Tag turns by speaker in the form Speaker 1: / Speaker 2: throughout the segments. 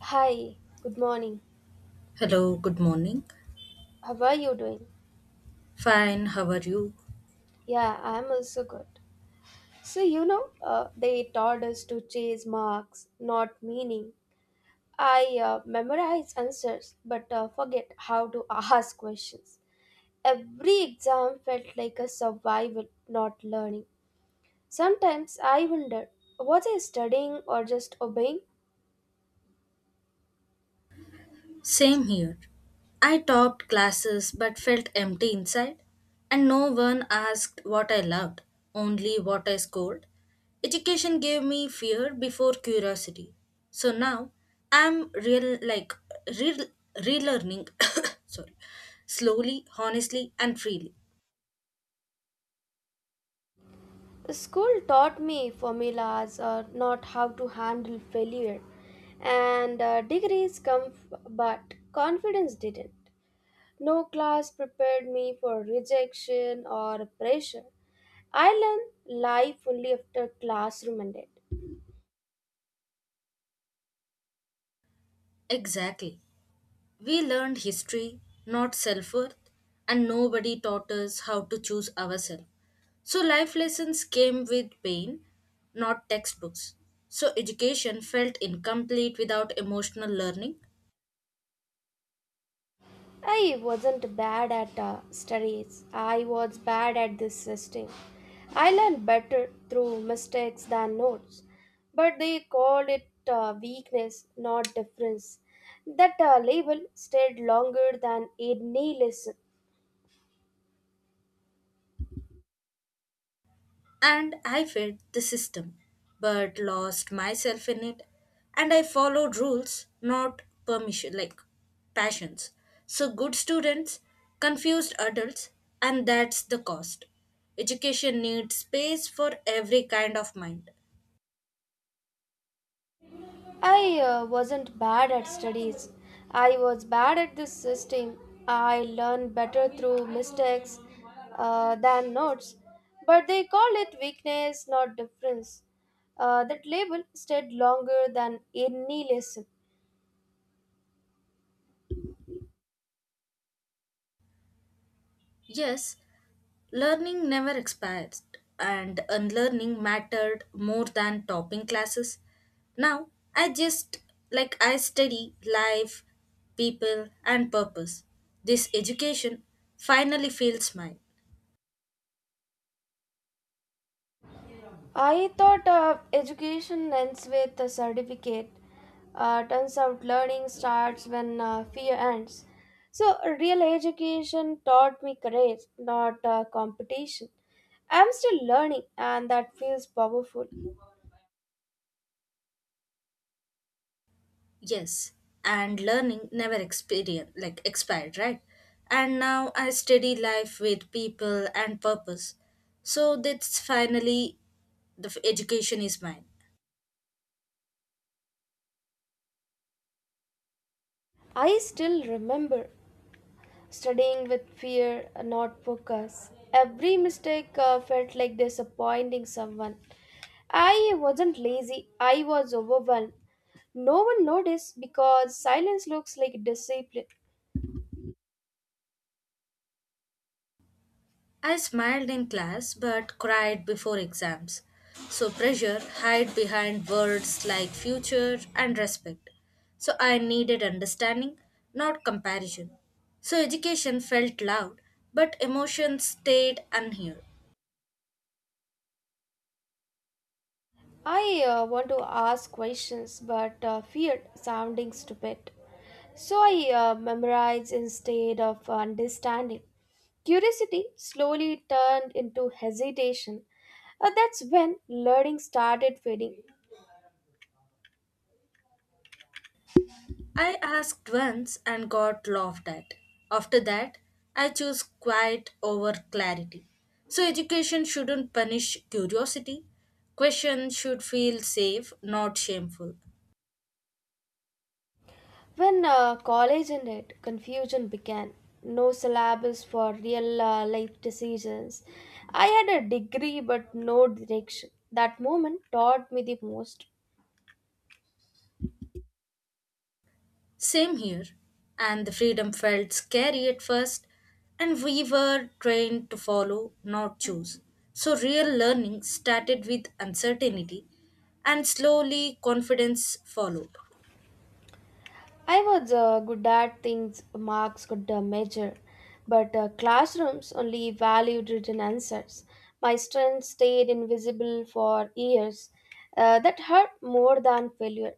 Speaker 1: Hi, good morning.
Speaker 2: Hello, good morning.
Speaker 1: How are you doing?
Speaker 2: Fine, how are you?
Speaker 1: Yeah, I'm also good. They taught us to chase marks, not meaning. I memorize answers but forget how to ask questions. Every exam felt like a survival, not learning. Sometimes I wonder, was I studying or just obeying?
Speaker 2: Same here. I topped classes but felt empty inside, and no one asked what I loved, only what I scored. Education gave me fear before curiosity. So now I'm real re- relearning sorry slowly, honestly and freely.
Speaker 1: The school taught me formulas or not how to handle failure, and degrees come, but confidence didn't. No class prepared me for rejection or pressure. I learned life only after classroom ended.
Speaker 2: Exactly. We learned history, not self worth, and nobody taught us how to choose ourselves. So, life lessons came with pain, not textbooks. So, education felt incomplete without emotional learning.
Speaker 1: I wasn't bad at studies. I was bad at this system. I learned better through mistakes than notes. But they called it weakness, not difference. That label stayed longer than any lesson.
Speaker 2: And I fed the system, but lost myself in it. And I followed rules, not permission, like passions. So good students, confused adults, and that's the cost. Education needs space for every kind of mind.
Speaker 1: I wasn't bad at studies. I was bad at this system. I learned better through mistakes than notes. But they called it weakness, not difference. That label stayed longer than any lesson.
Speaker 2: Yes, learning never expired, and unlearning mattered more than topping classes. Now, I just like I study life, people, and purpose. This education finally feels mine.
Speaker 1: I thought education ends with a certificate. Turns out learning starts when fear ends. So, real education taught me courage, not competition. I'm still learning, and that feels powerful.
Speaker 2: Yes, and learning never experience like expired, right? And now I study life with people and purpose. So that's finally education is mine.
Speaker 1: I still remember studying with fear, not focus. Every mistake felt like disappointing someone. I wasn't lazy, I was overwhelmed. No one noticed because silence looks like discipline.
Speaker 2: I smiled in class but cried before exams. So pressure hid behind words like future and respect. So I needed understanding, not comparison. So education felt loud, but emotions stayed unheard.
Speaker 1: I want to ask questions but feared sounding stupid. So I memorized instead of understanding. Curiosity slowly turned into hesitation. That's when learning started fading.
Speaker 2: I asked once and got laughed at. After that, I chose quiet over clarity. So education shouldn't punish curiosity. Questions should feel safe, not shameful.
Speaker 1: When college ended, confusion began. No syllabus for real life decisions. I had a degree but no direction. That moment taught me the most.
Speaker 2: Same here. And the freedom felt scary at first, and we were trained to follow, not choose. So, real learning started with uncertainty, and slowly confidence followed.
Speaker 1: I was good at things marks could measure, but classrooms only valued written answers. My strength stayed invisible for years. That hurt more than failure.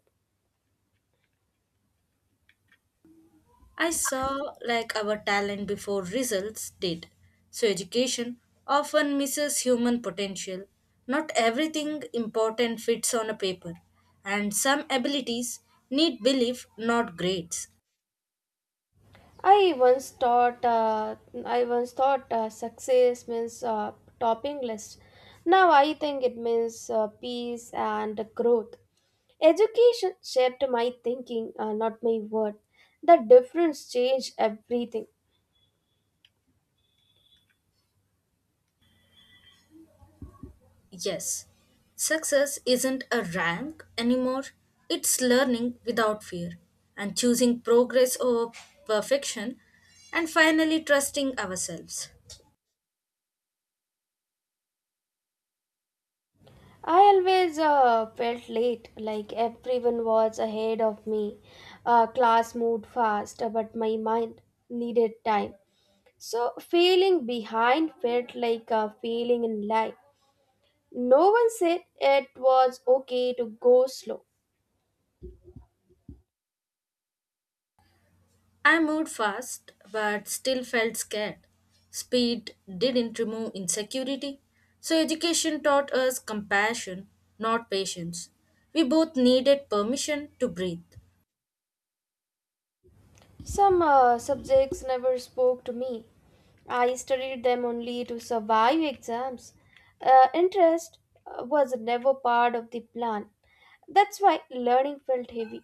Speaker 2: I saw like our talent before results did. So, education often misses human potential. Not everything important fits on a paper, and some abilities need belief, not grades.
Speaker 1: I once thought uh, I once thought success means topping list. Now I think it means peace and growth. Education shaped my thinking, not my word. The difference changed everything.
Speaker 2: Yes, success isn't a rank anymore, it's learning without fear and choosing progress over perfection and finally trusting ourselves.
Speaker 1: I always felt late, like everyone was ahead of me. Class moved fast, but my mind needed time. So, feeling behind felt like a failing in life. No one said it was okay to go slow.
Speaker 2: I moved fast but still felt scared. Speed didn't remove insecurity, so education taught us compassion, not patience. We both needed permission to breathe.
Speaker 1: Some subjects never spoke to me. I studied them only to survive exams. Interest was never part of the plan. That's why learning felt heavy.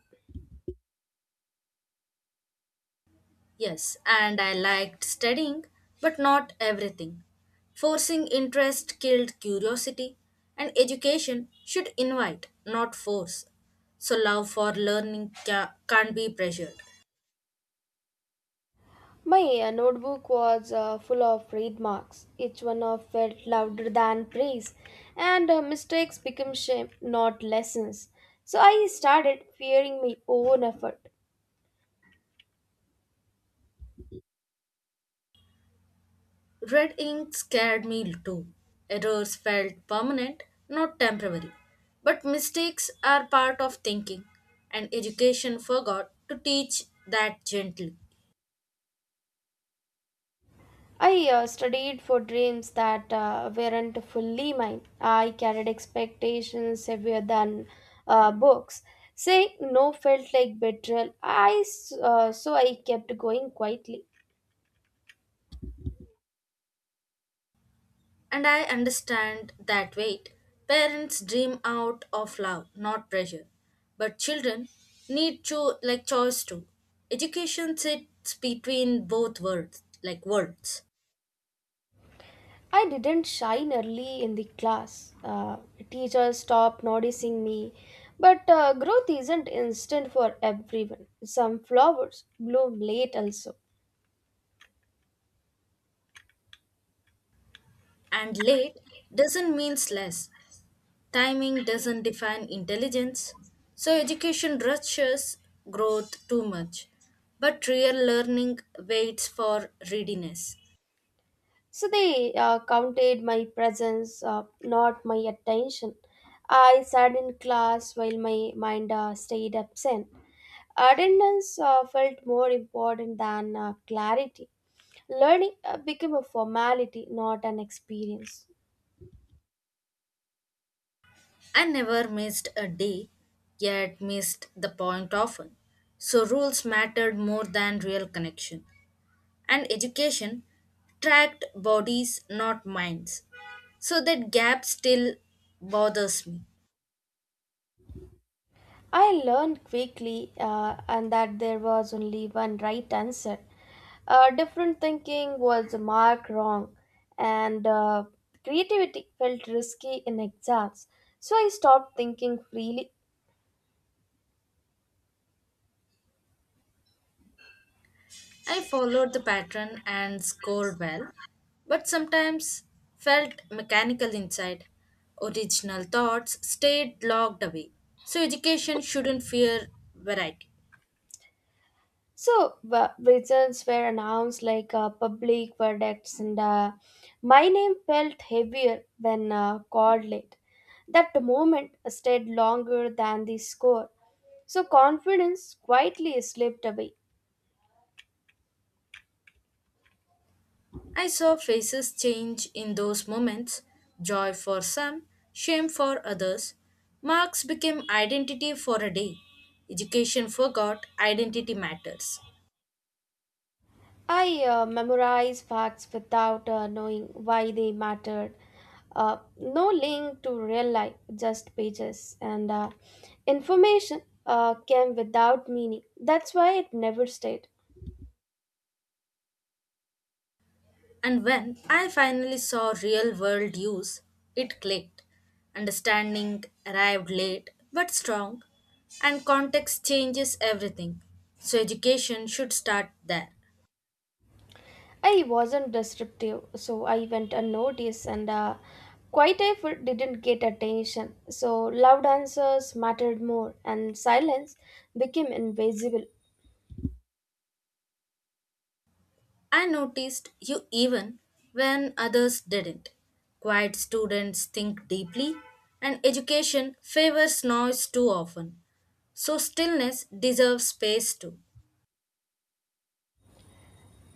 Speaker 2: Yes, and I liked studying, but not everything. Forcing interest killed curiosity, and education should invite, not force. So, love for learning can't be pressured.
Speaker 1: My notebook was full of red marks. Each one of felt louder than praise, and mistakes became shame, not lessons. So I started fearing my own effort.
Speaker 2: Red ink scared me too. Errors felt permanent, not temporary. But mistakes are part of thinking, and education forgot to teach that gently.
Speaker 1: I studied for dreams that weren't fully mine. I carried expectations heavier than books. Saying no felt like betrayal. So I kept going quietly.
Speaker 2: And I understand that weight. Parents dream out of love, not pressure. But children need choice too. Education sits between both worlds, like worlds.
Speaker 1: I didn't shine early in the class. Teachers stopped noticing me. But growth isn't instant for everyone. Some flowers bloom late also.
Speaker 2: And late doesn't means less. Timing doesn't define intelligence. So education rushes growth too much. But real learning waits for readiness.
Speaker 1: So they counted my presence, not my attention. I sat in class while my mind stayed absent. Attendance felt more important than clarity. Learning became a formality, not an experience.
Speaker 2: I never missed a day, yet missed the point often. So rules mattered more than real connection. And education tracked bodies, not minds. So that gap still bothers me.
Speaker 1: I learned quickly and that there was only one right answer. Different thinking was a mark wrong, and creativity felt risky in exams. So I stopped thinking freely.
Speaker 2: I followed the pattern and scored well, but sometimes felt mechanical inside. Original thoughts stayed locked away. So education shouldn't fear variety.
Speaker 1: So results were announced like public verdicts, and my name felt heavier when called late. That moment stayed longer than the score. So confidence quietly slipped away.
Speaker 2: I saw faces change in those moments, joy for some, shame for others. Marks became identity for a day. Education forgot identity matters.
Speaker 1: I memorize facts without knowing why they mattered. No link to real life, just pages. And information came without meaning. That's why it never stayed.
Speaker 2: And when I finally saw real world use, it clicked. Understanding arrived late but strong, and context changes everything. So, education should start there.
Speaker 1: I wasn't disruptive, so I went unnoticed, and quiet effort didn't get attention. So loud answers mattered more, and silence became invisible.
Speaker 2: I noticed you even when others didn't. Quiet students think deeply, and education favors noise too often. So, stillness deserves space too.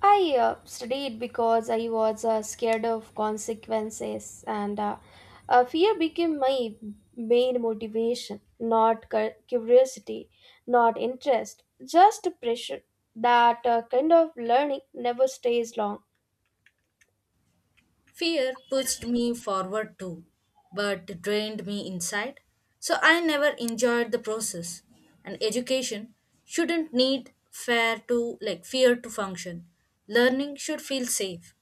Speaker 1: I studied because I was scared of consequences, and fear became my main motivation, not curiosity, not interest, just pressure. That kind of learning never stays long.
Speaker 2: Fear pushed me forward too, but drained me inside. So, I never enjoyed the process. And education shouldn't need fair to like fear to function. Learning should feel safe.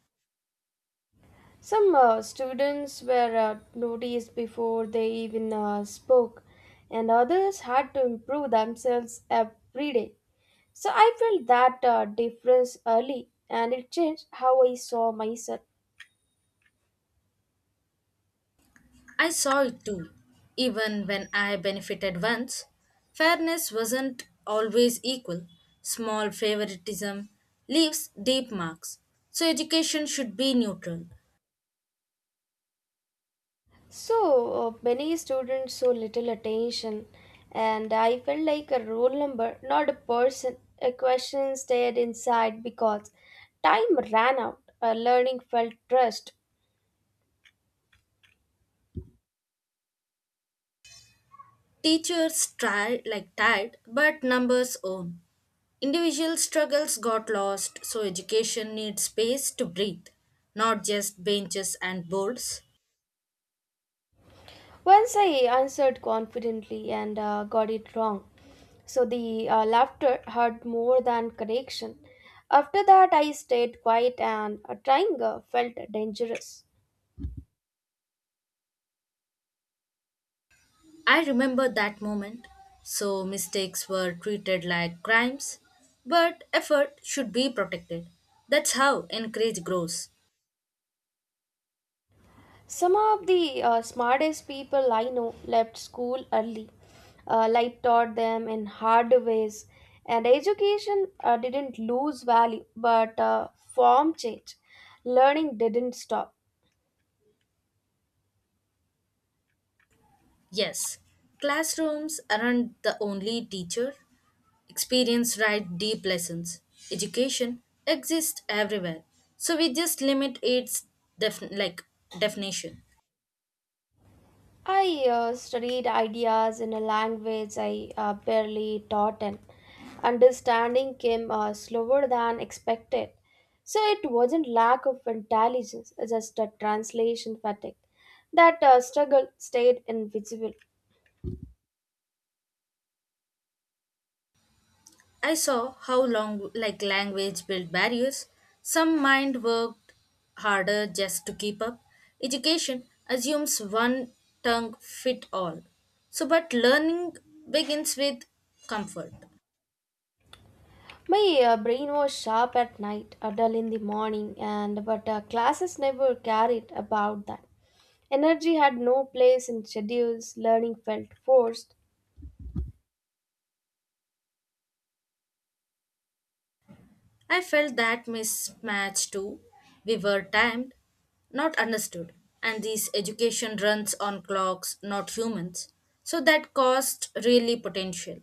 Speaker 1: Some students were noticed before they even spoke, and others had to improve themselves every day. So I felt that difference early and it changed how I saw myself.
Speaker 2: I saw it too. Even when I benefited once, fairness wasn't always equal. Small favoritism leaves deep marks. So education should be neutral.
Speaker 1: So many students saw little attention and I felt like a roll number, not a person. A question stayed inside because time ran out. Learning felt trust.
Speaker 2: Teachers try like tide, but numbers own. Individual struggles got lost, so education needs space to breathe, not just benches and boards.
Speaker 1: Once I answered confidently and got it wrong. So the laughter hurt more than correction. After that, I stayed quiet and trying felt dangerous.
Speaker 2: I remember that moment. So mistakes were treated like crimes, but effort should be protected. That's how encourage grows.
Speaker 1: Some of the smartest people I know left school early. Life taught them in hard ways, and education didn't lose value, but form changed. Learning didn't stop.
Speaker 2: Yes, classrooms aren't the only teacher. Experience write deep lessons. Education exists everywhere. So we just limit its def- like definition.
Speaker 1: I studied ideas in a language I barely taught in. Understanding came slower than expected. So it wasn't lack of intelligence, just a translation fatigue. That struggle stayed invisible.
Speaker 2: I saw how long like language built barriers. Some mind worked harder just to keep up. Education assumes one tongue fit all. So but learning begins with comfort.
Speaker 1: My brain was sharp at night, dull in the morning, and but classes never carried about that. Energy had no place in schedules. Learning felt forced.
Speaker 2: I felt that mismatch too. We were timed, not understood. And this education runs on clocks, not humans. So that cost really potential.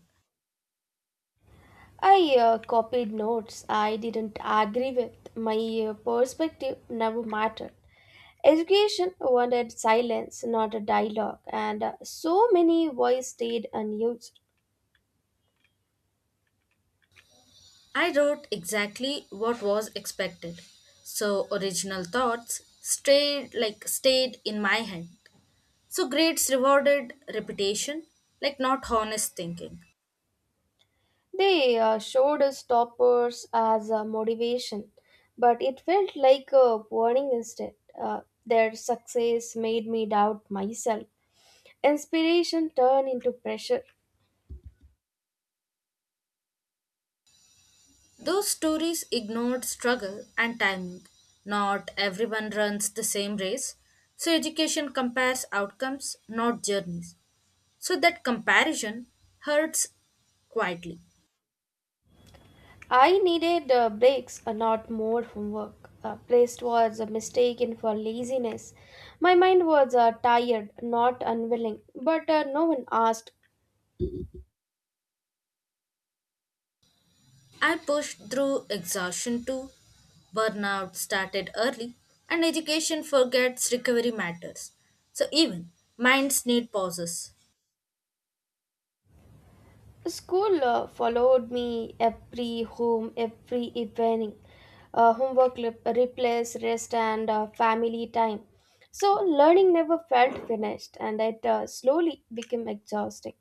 Speaker 1: I copied notes I didn't agree with. My perspective never mattered. Education wanted silence, not a dialogue, and so many voices stayed unused.
Speaker 2: I wrote exactly what was expected. So original thoughts stayed in my head. So grades rewarded repetition, like not honest thinking.
Speaker 1: They showed us toppers as a motivation, but it felt like a warning instead. Their success made me doubt myself. Inspiration turned into pressure.
Speaker 2: Those stories ignored struggle and timing. Not everyone runs the same race. So education compares outcomes, not journeys. So that comparison hurts quietly.
Speaker 1: I needed breaks, not more homework. Placed was mistaken for laziness. My mind was tired, not unwilling, but no one asked.
Speaker 2: I pushed through exhaustion too. Burnout started early, and education forgets recovery matters. So even minds need pauses.
Speaker 1: School followed me every home, every evening. Homework replace rest and family time. So learning never felt finished, and it slowly became exhausting.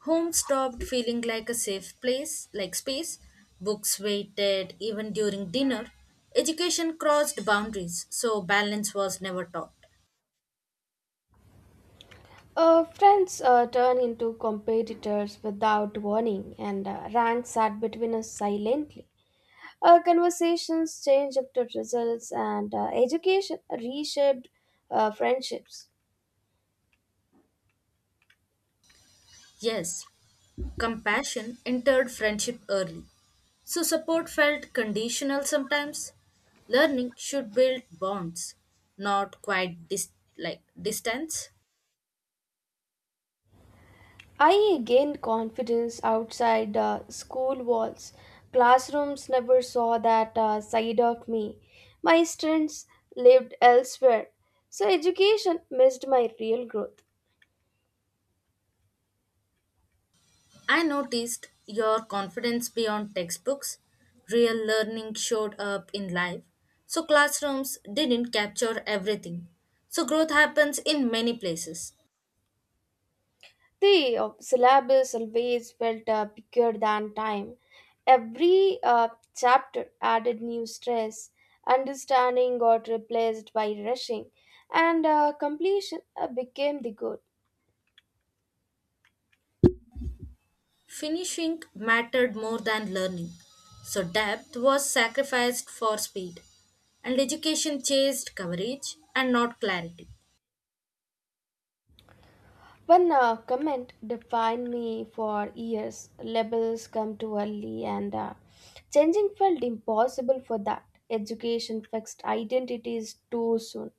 Speaker 2: Home stopped feeling like a safe place, like space. Books waited even during dinner. Education crossed boundaries, so balance was never taught.
Speaker 1: Friends turn into competitors without warning, and ranks sat between us silently. Conversations changed after results, and education reshaped friendships.
Speaker 2: Yes, compassion entered friendship early, so support felt conditional sometimes. Learning should build bonds, not quite like distance.
Speaker 1: I gained confidence outside school walls. Classrooms never saw that side of me. My strengths lived elsewhere. So education missed my real growth.
Speaker 2: I noticed your confidence beyond textbooks. Real learning showed up in life, so classrooms didn't capture everything. So growth happens in many places.
Speaker 1: The syllabus always felt bigger than time. Every chapter added new stress. Understanding got replaced by rushing, and completion became the goal.
Speaker 2: Finishing mattered more than learning, so depth was sacrificed for speed, and education chased coverage and not clarity.
Speaker 1: One comment defined me for years. Labels come too early, and changing felt impossible for that. Education fixed identities too soon.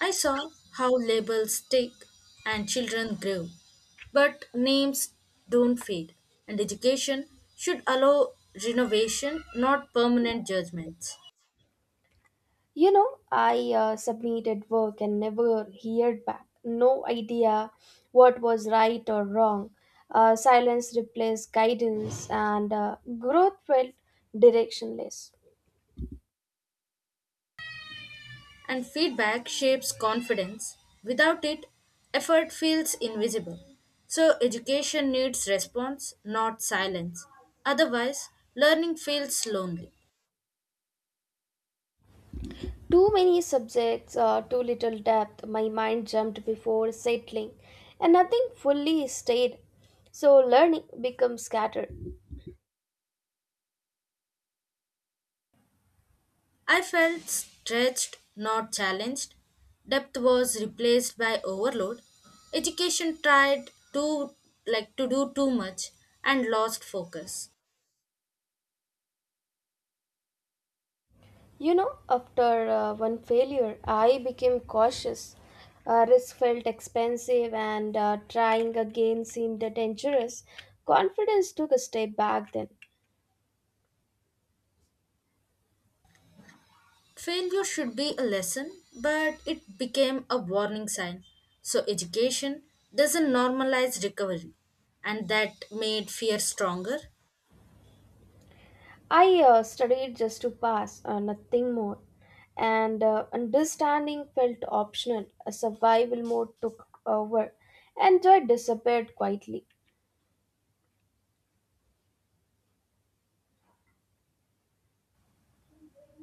Speaker 2: I saw how labels stick and children grow, but names don't fade, and education should allow renovation, not permanent judgments.
Speaker 1: You know, I submitted work and never heard back. No idea what was right or wrong. Silence replaced guidance, and growth felt directionless.
Speaker 2: And feedback shapes confidence. Without it, effort feels invisible. So, education needs response, not silence. Otherwise, learning feels lonely.
Speaker 1: Too many subjects, too little depth. My mind jumped before settling, and nothing fully stayed. So learning becomes scattered.
Speaker 2: I felt stretched, not challenged. Depth was replaced by overload. Education tried to do too much and lost focus.
Speaker 1: You know, after one failure, I became cautious. Risk felt expensive, and trying again seemed dangerous. Confidence took a step back then.
Speaker 2: Failure should be a lesson, but it became a warning sign. So, education doesn't normalize recovery, and that made fear stronger.
Speaker 1: I studied just to pass, nothing more. And understanding felt optional. A survival mode took over, and joy disappeared quietly.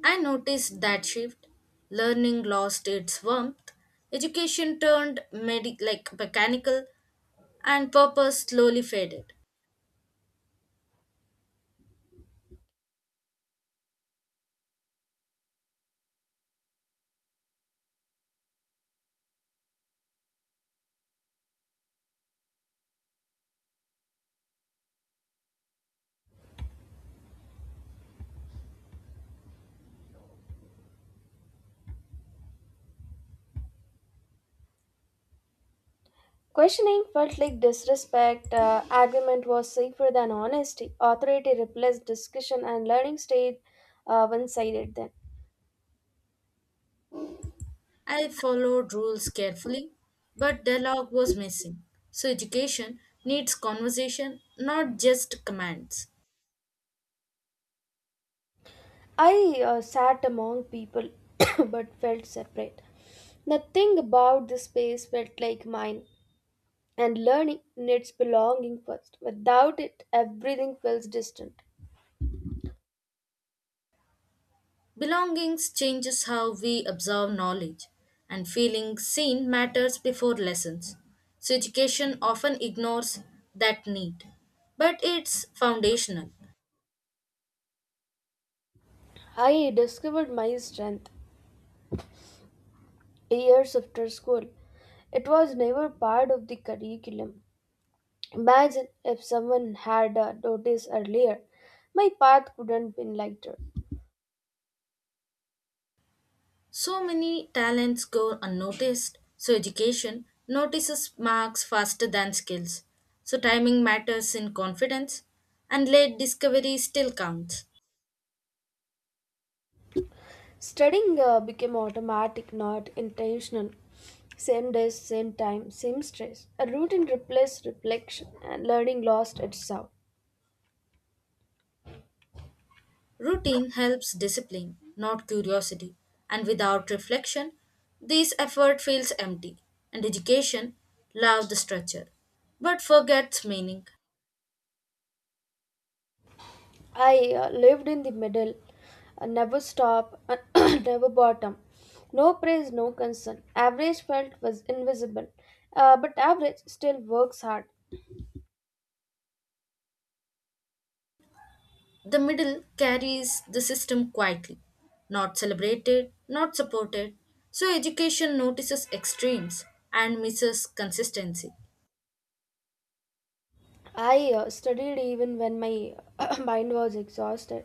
Speaker 2: I noticed that shift. Learning lost its warmth. Education turned mechanical, and purpose slowly faded.
Speaker 1: Questioning felt like disrespect. Argument was safer than honesty. Authority replaced discussion, and learning stayed one sided then.
Speaker 2: I followed rules carefully, but dialogue was missing. So, education needs conversation, not just commands.
Speaker 1: I sat among people but felt separate. Nothing about this space felt like mine. And learning needs belonging first. Without it, everything feels distant.
Speaker 2: Belongings changes how we absorb knowledge, and feeling seen matters before lessons. So, education often ignores that need, but it's foundational.
Speaker 1: I discovered my strength years after school. It was never part of the curriculum. Imagine if someone had noticed earlier. My path couldn't been lighter.
Speaker 2: So many talents go unnoticed, so, education notices marks faster than skills. So, timing matters in confidence, and late discovery still counts.
Speaker 1: Studying became automatic, not intentional. Same days, same time, same stress. A routine replaced reflection, and learning lost its sound.
Speaker 2: Routine helps discipline, not curiosity, and without reflection, this effort feels empty, and education loves the structure, but forgets meaning.
Speaker 1: I lived in the middle, never stop, never bottom. No praise, no concern. Average felt was invisible, but average still works hard.
Speaker 2: The middle carries the system quietly, not celebrated, not supported, so education notices extremes and misses consistency.
Speaker 1: I studied even when my mind was exhausted.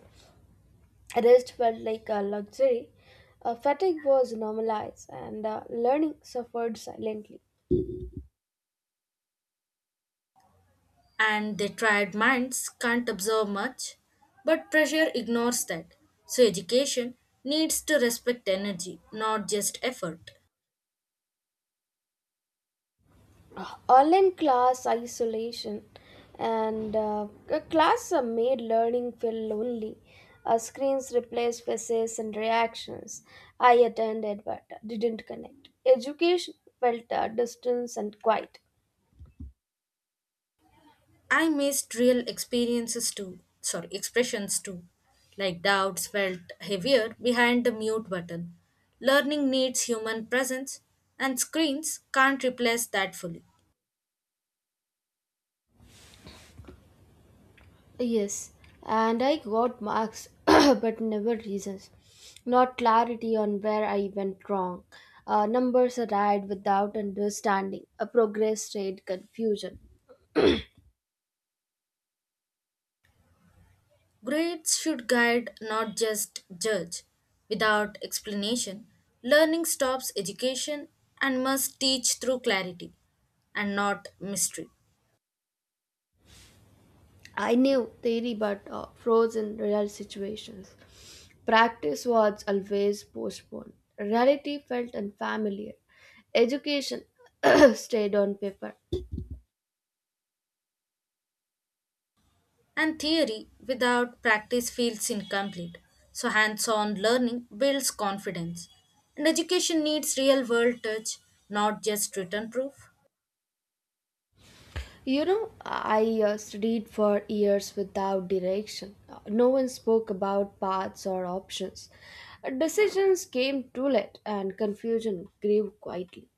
Speaker 1: Rest felt like a luxury. Fatigue was normalized, and learning suffered silently.
Speaker 2: And their tried minds can't observe much, but pressure ignores that. So, education needs to respect energy, not just effort.
Speaker 1: Online class isolation and class made learning feel lonely. Screens replaced faces and reactions. I attended but didn't connect. Education felt distance and quiet.
Speaker 2: I missed real expressions too, like doubts felt heavier behind the mute button. Learning needs human presence, and screens can't replace that fully.
Speaker 1: Yes, and I got marks but never reasons, not clarity on where I went wrong. Numbers arrived without understanding a progress rate confusion.
Speaker 2: Grades should guide, not just judge. Without explanation, learning stops education and must teach through clarity and not mystery.
Speaker 1: I knew theory but froze in real situations. Practice was always postponed. Reality felt unfamiliar. Education stayed on paper.
Speaker 2: And theory without practice feels incomplete. So, hands on learning builds confidence. And education needs real world touch, not just written proof.
Speaker 1: You know, I studied for years without direction. No one spoke about paths or options. Decisions came too late and confusion grew quietly.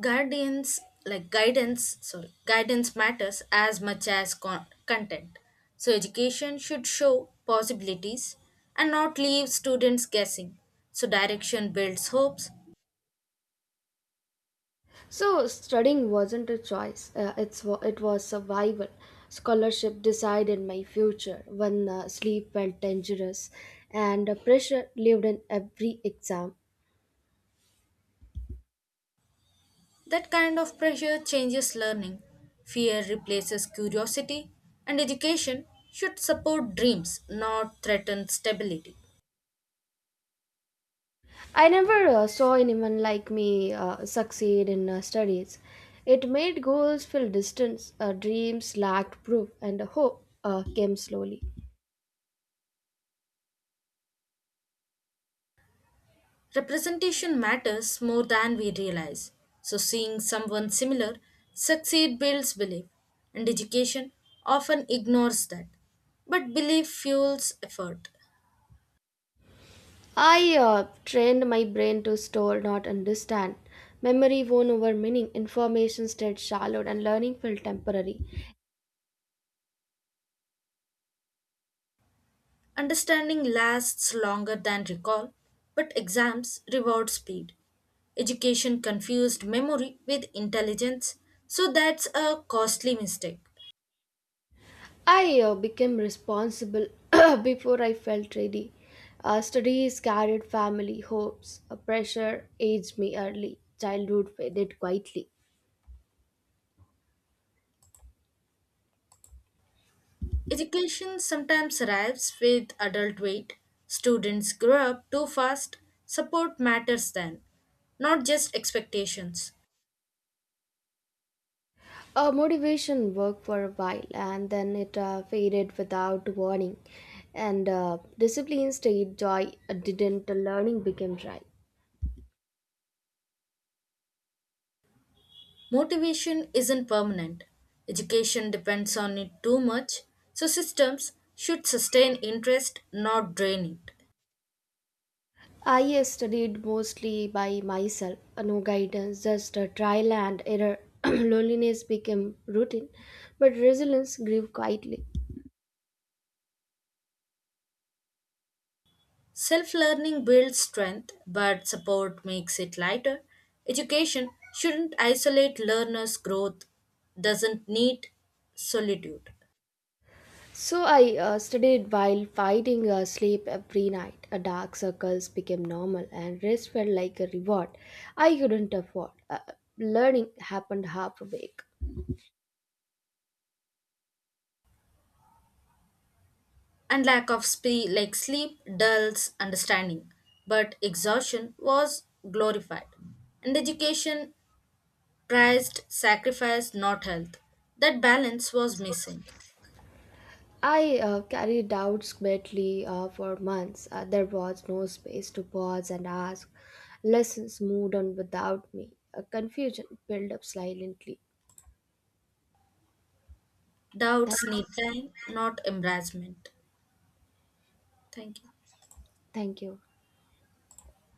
Speaker 2: Guardians like guidance sorry guidance matters as much as content, so education should show possibilities and not leave students guessing, so direction builds hopes.
Speaker 1: So studying wasn't a choice. It was survival. Scholarship decided my future when sleep felt dangerous, and the pressure lived in every exam.
Speaker 2: That kind of pressure changes learning, fear replaces curiosity, and education should support dreams, not threaten stability.
Speaker 1: I never saw anyone like me succeed in studies. It made goals feel distant, dreams lacked proof, and hope came slowly.
Speaker 2: Representation matters more than we realize. So, seeing someone similar succeed builds belief, and education often ignores that. But belief fuels effort.
Speaker 1: I trained my brain to store, not understand. Memory won over meaning, information stayed shallow, and learning felt temporary.
Speaker 2: Understanding lasts longer than recall, but exams reward speed. Education confused memory with intelligence, so that's a costly mistake.
Speaker 1: I became responsible before I felt ready. Studies carried family hopes, pressure aged me early, childhood faded quietly.
Speaker 2: Education sometimes arrives with adult weight. Students grow up too fast. Support matters then, not just expectations.
Speaker 1: Motivation worked for a while and then it faded without warning. And discipline stayed joy, didn't, learning became dry.
Speaker 2: Motivation isn't permanent. Education depends on it too much, so systems should sustain interest, not drain it.
Speaker 1: I studied mostly by myself, no guidance, just a trial and error. Loneliness became routine, but resilience grew quietly.
Speaker 2: Self learning builds strength, but support makes it lighter. Education shouldn't isolate learners' growth, doesn't need solitude.
Speaker 1: So I studied while fighting sleep every night. Dark circles became normal, and rest felt like a reward I couldn't afford. Learning happened half awake.
Speaker 2: And lack of sleep dulls understanding, but exhaustion was glorified, and education prized sacrifice, not health. That balance was missing.
Speaker 1: I carried doubts quietly for months. There was no space to pause and ask. Lessons moved on without me. Confusion built up silently. Thank
Speaker 2: Doubts
Speaker 1: you.
Speaker 2: need time, not embarrassment. Thank you.
Speaker 1: Thank you.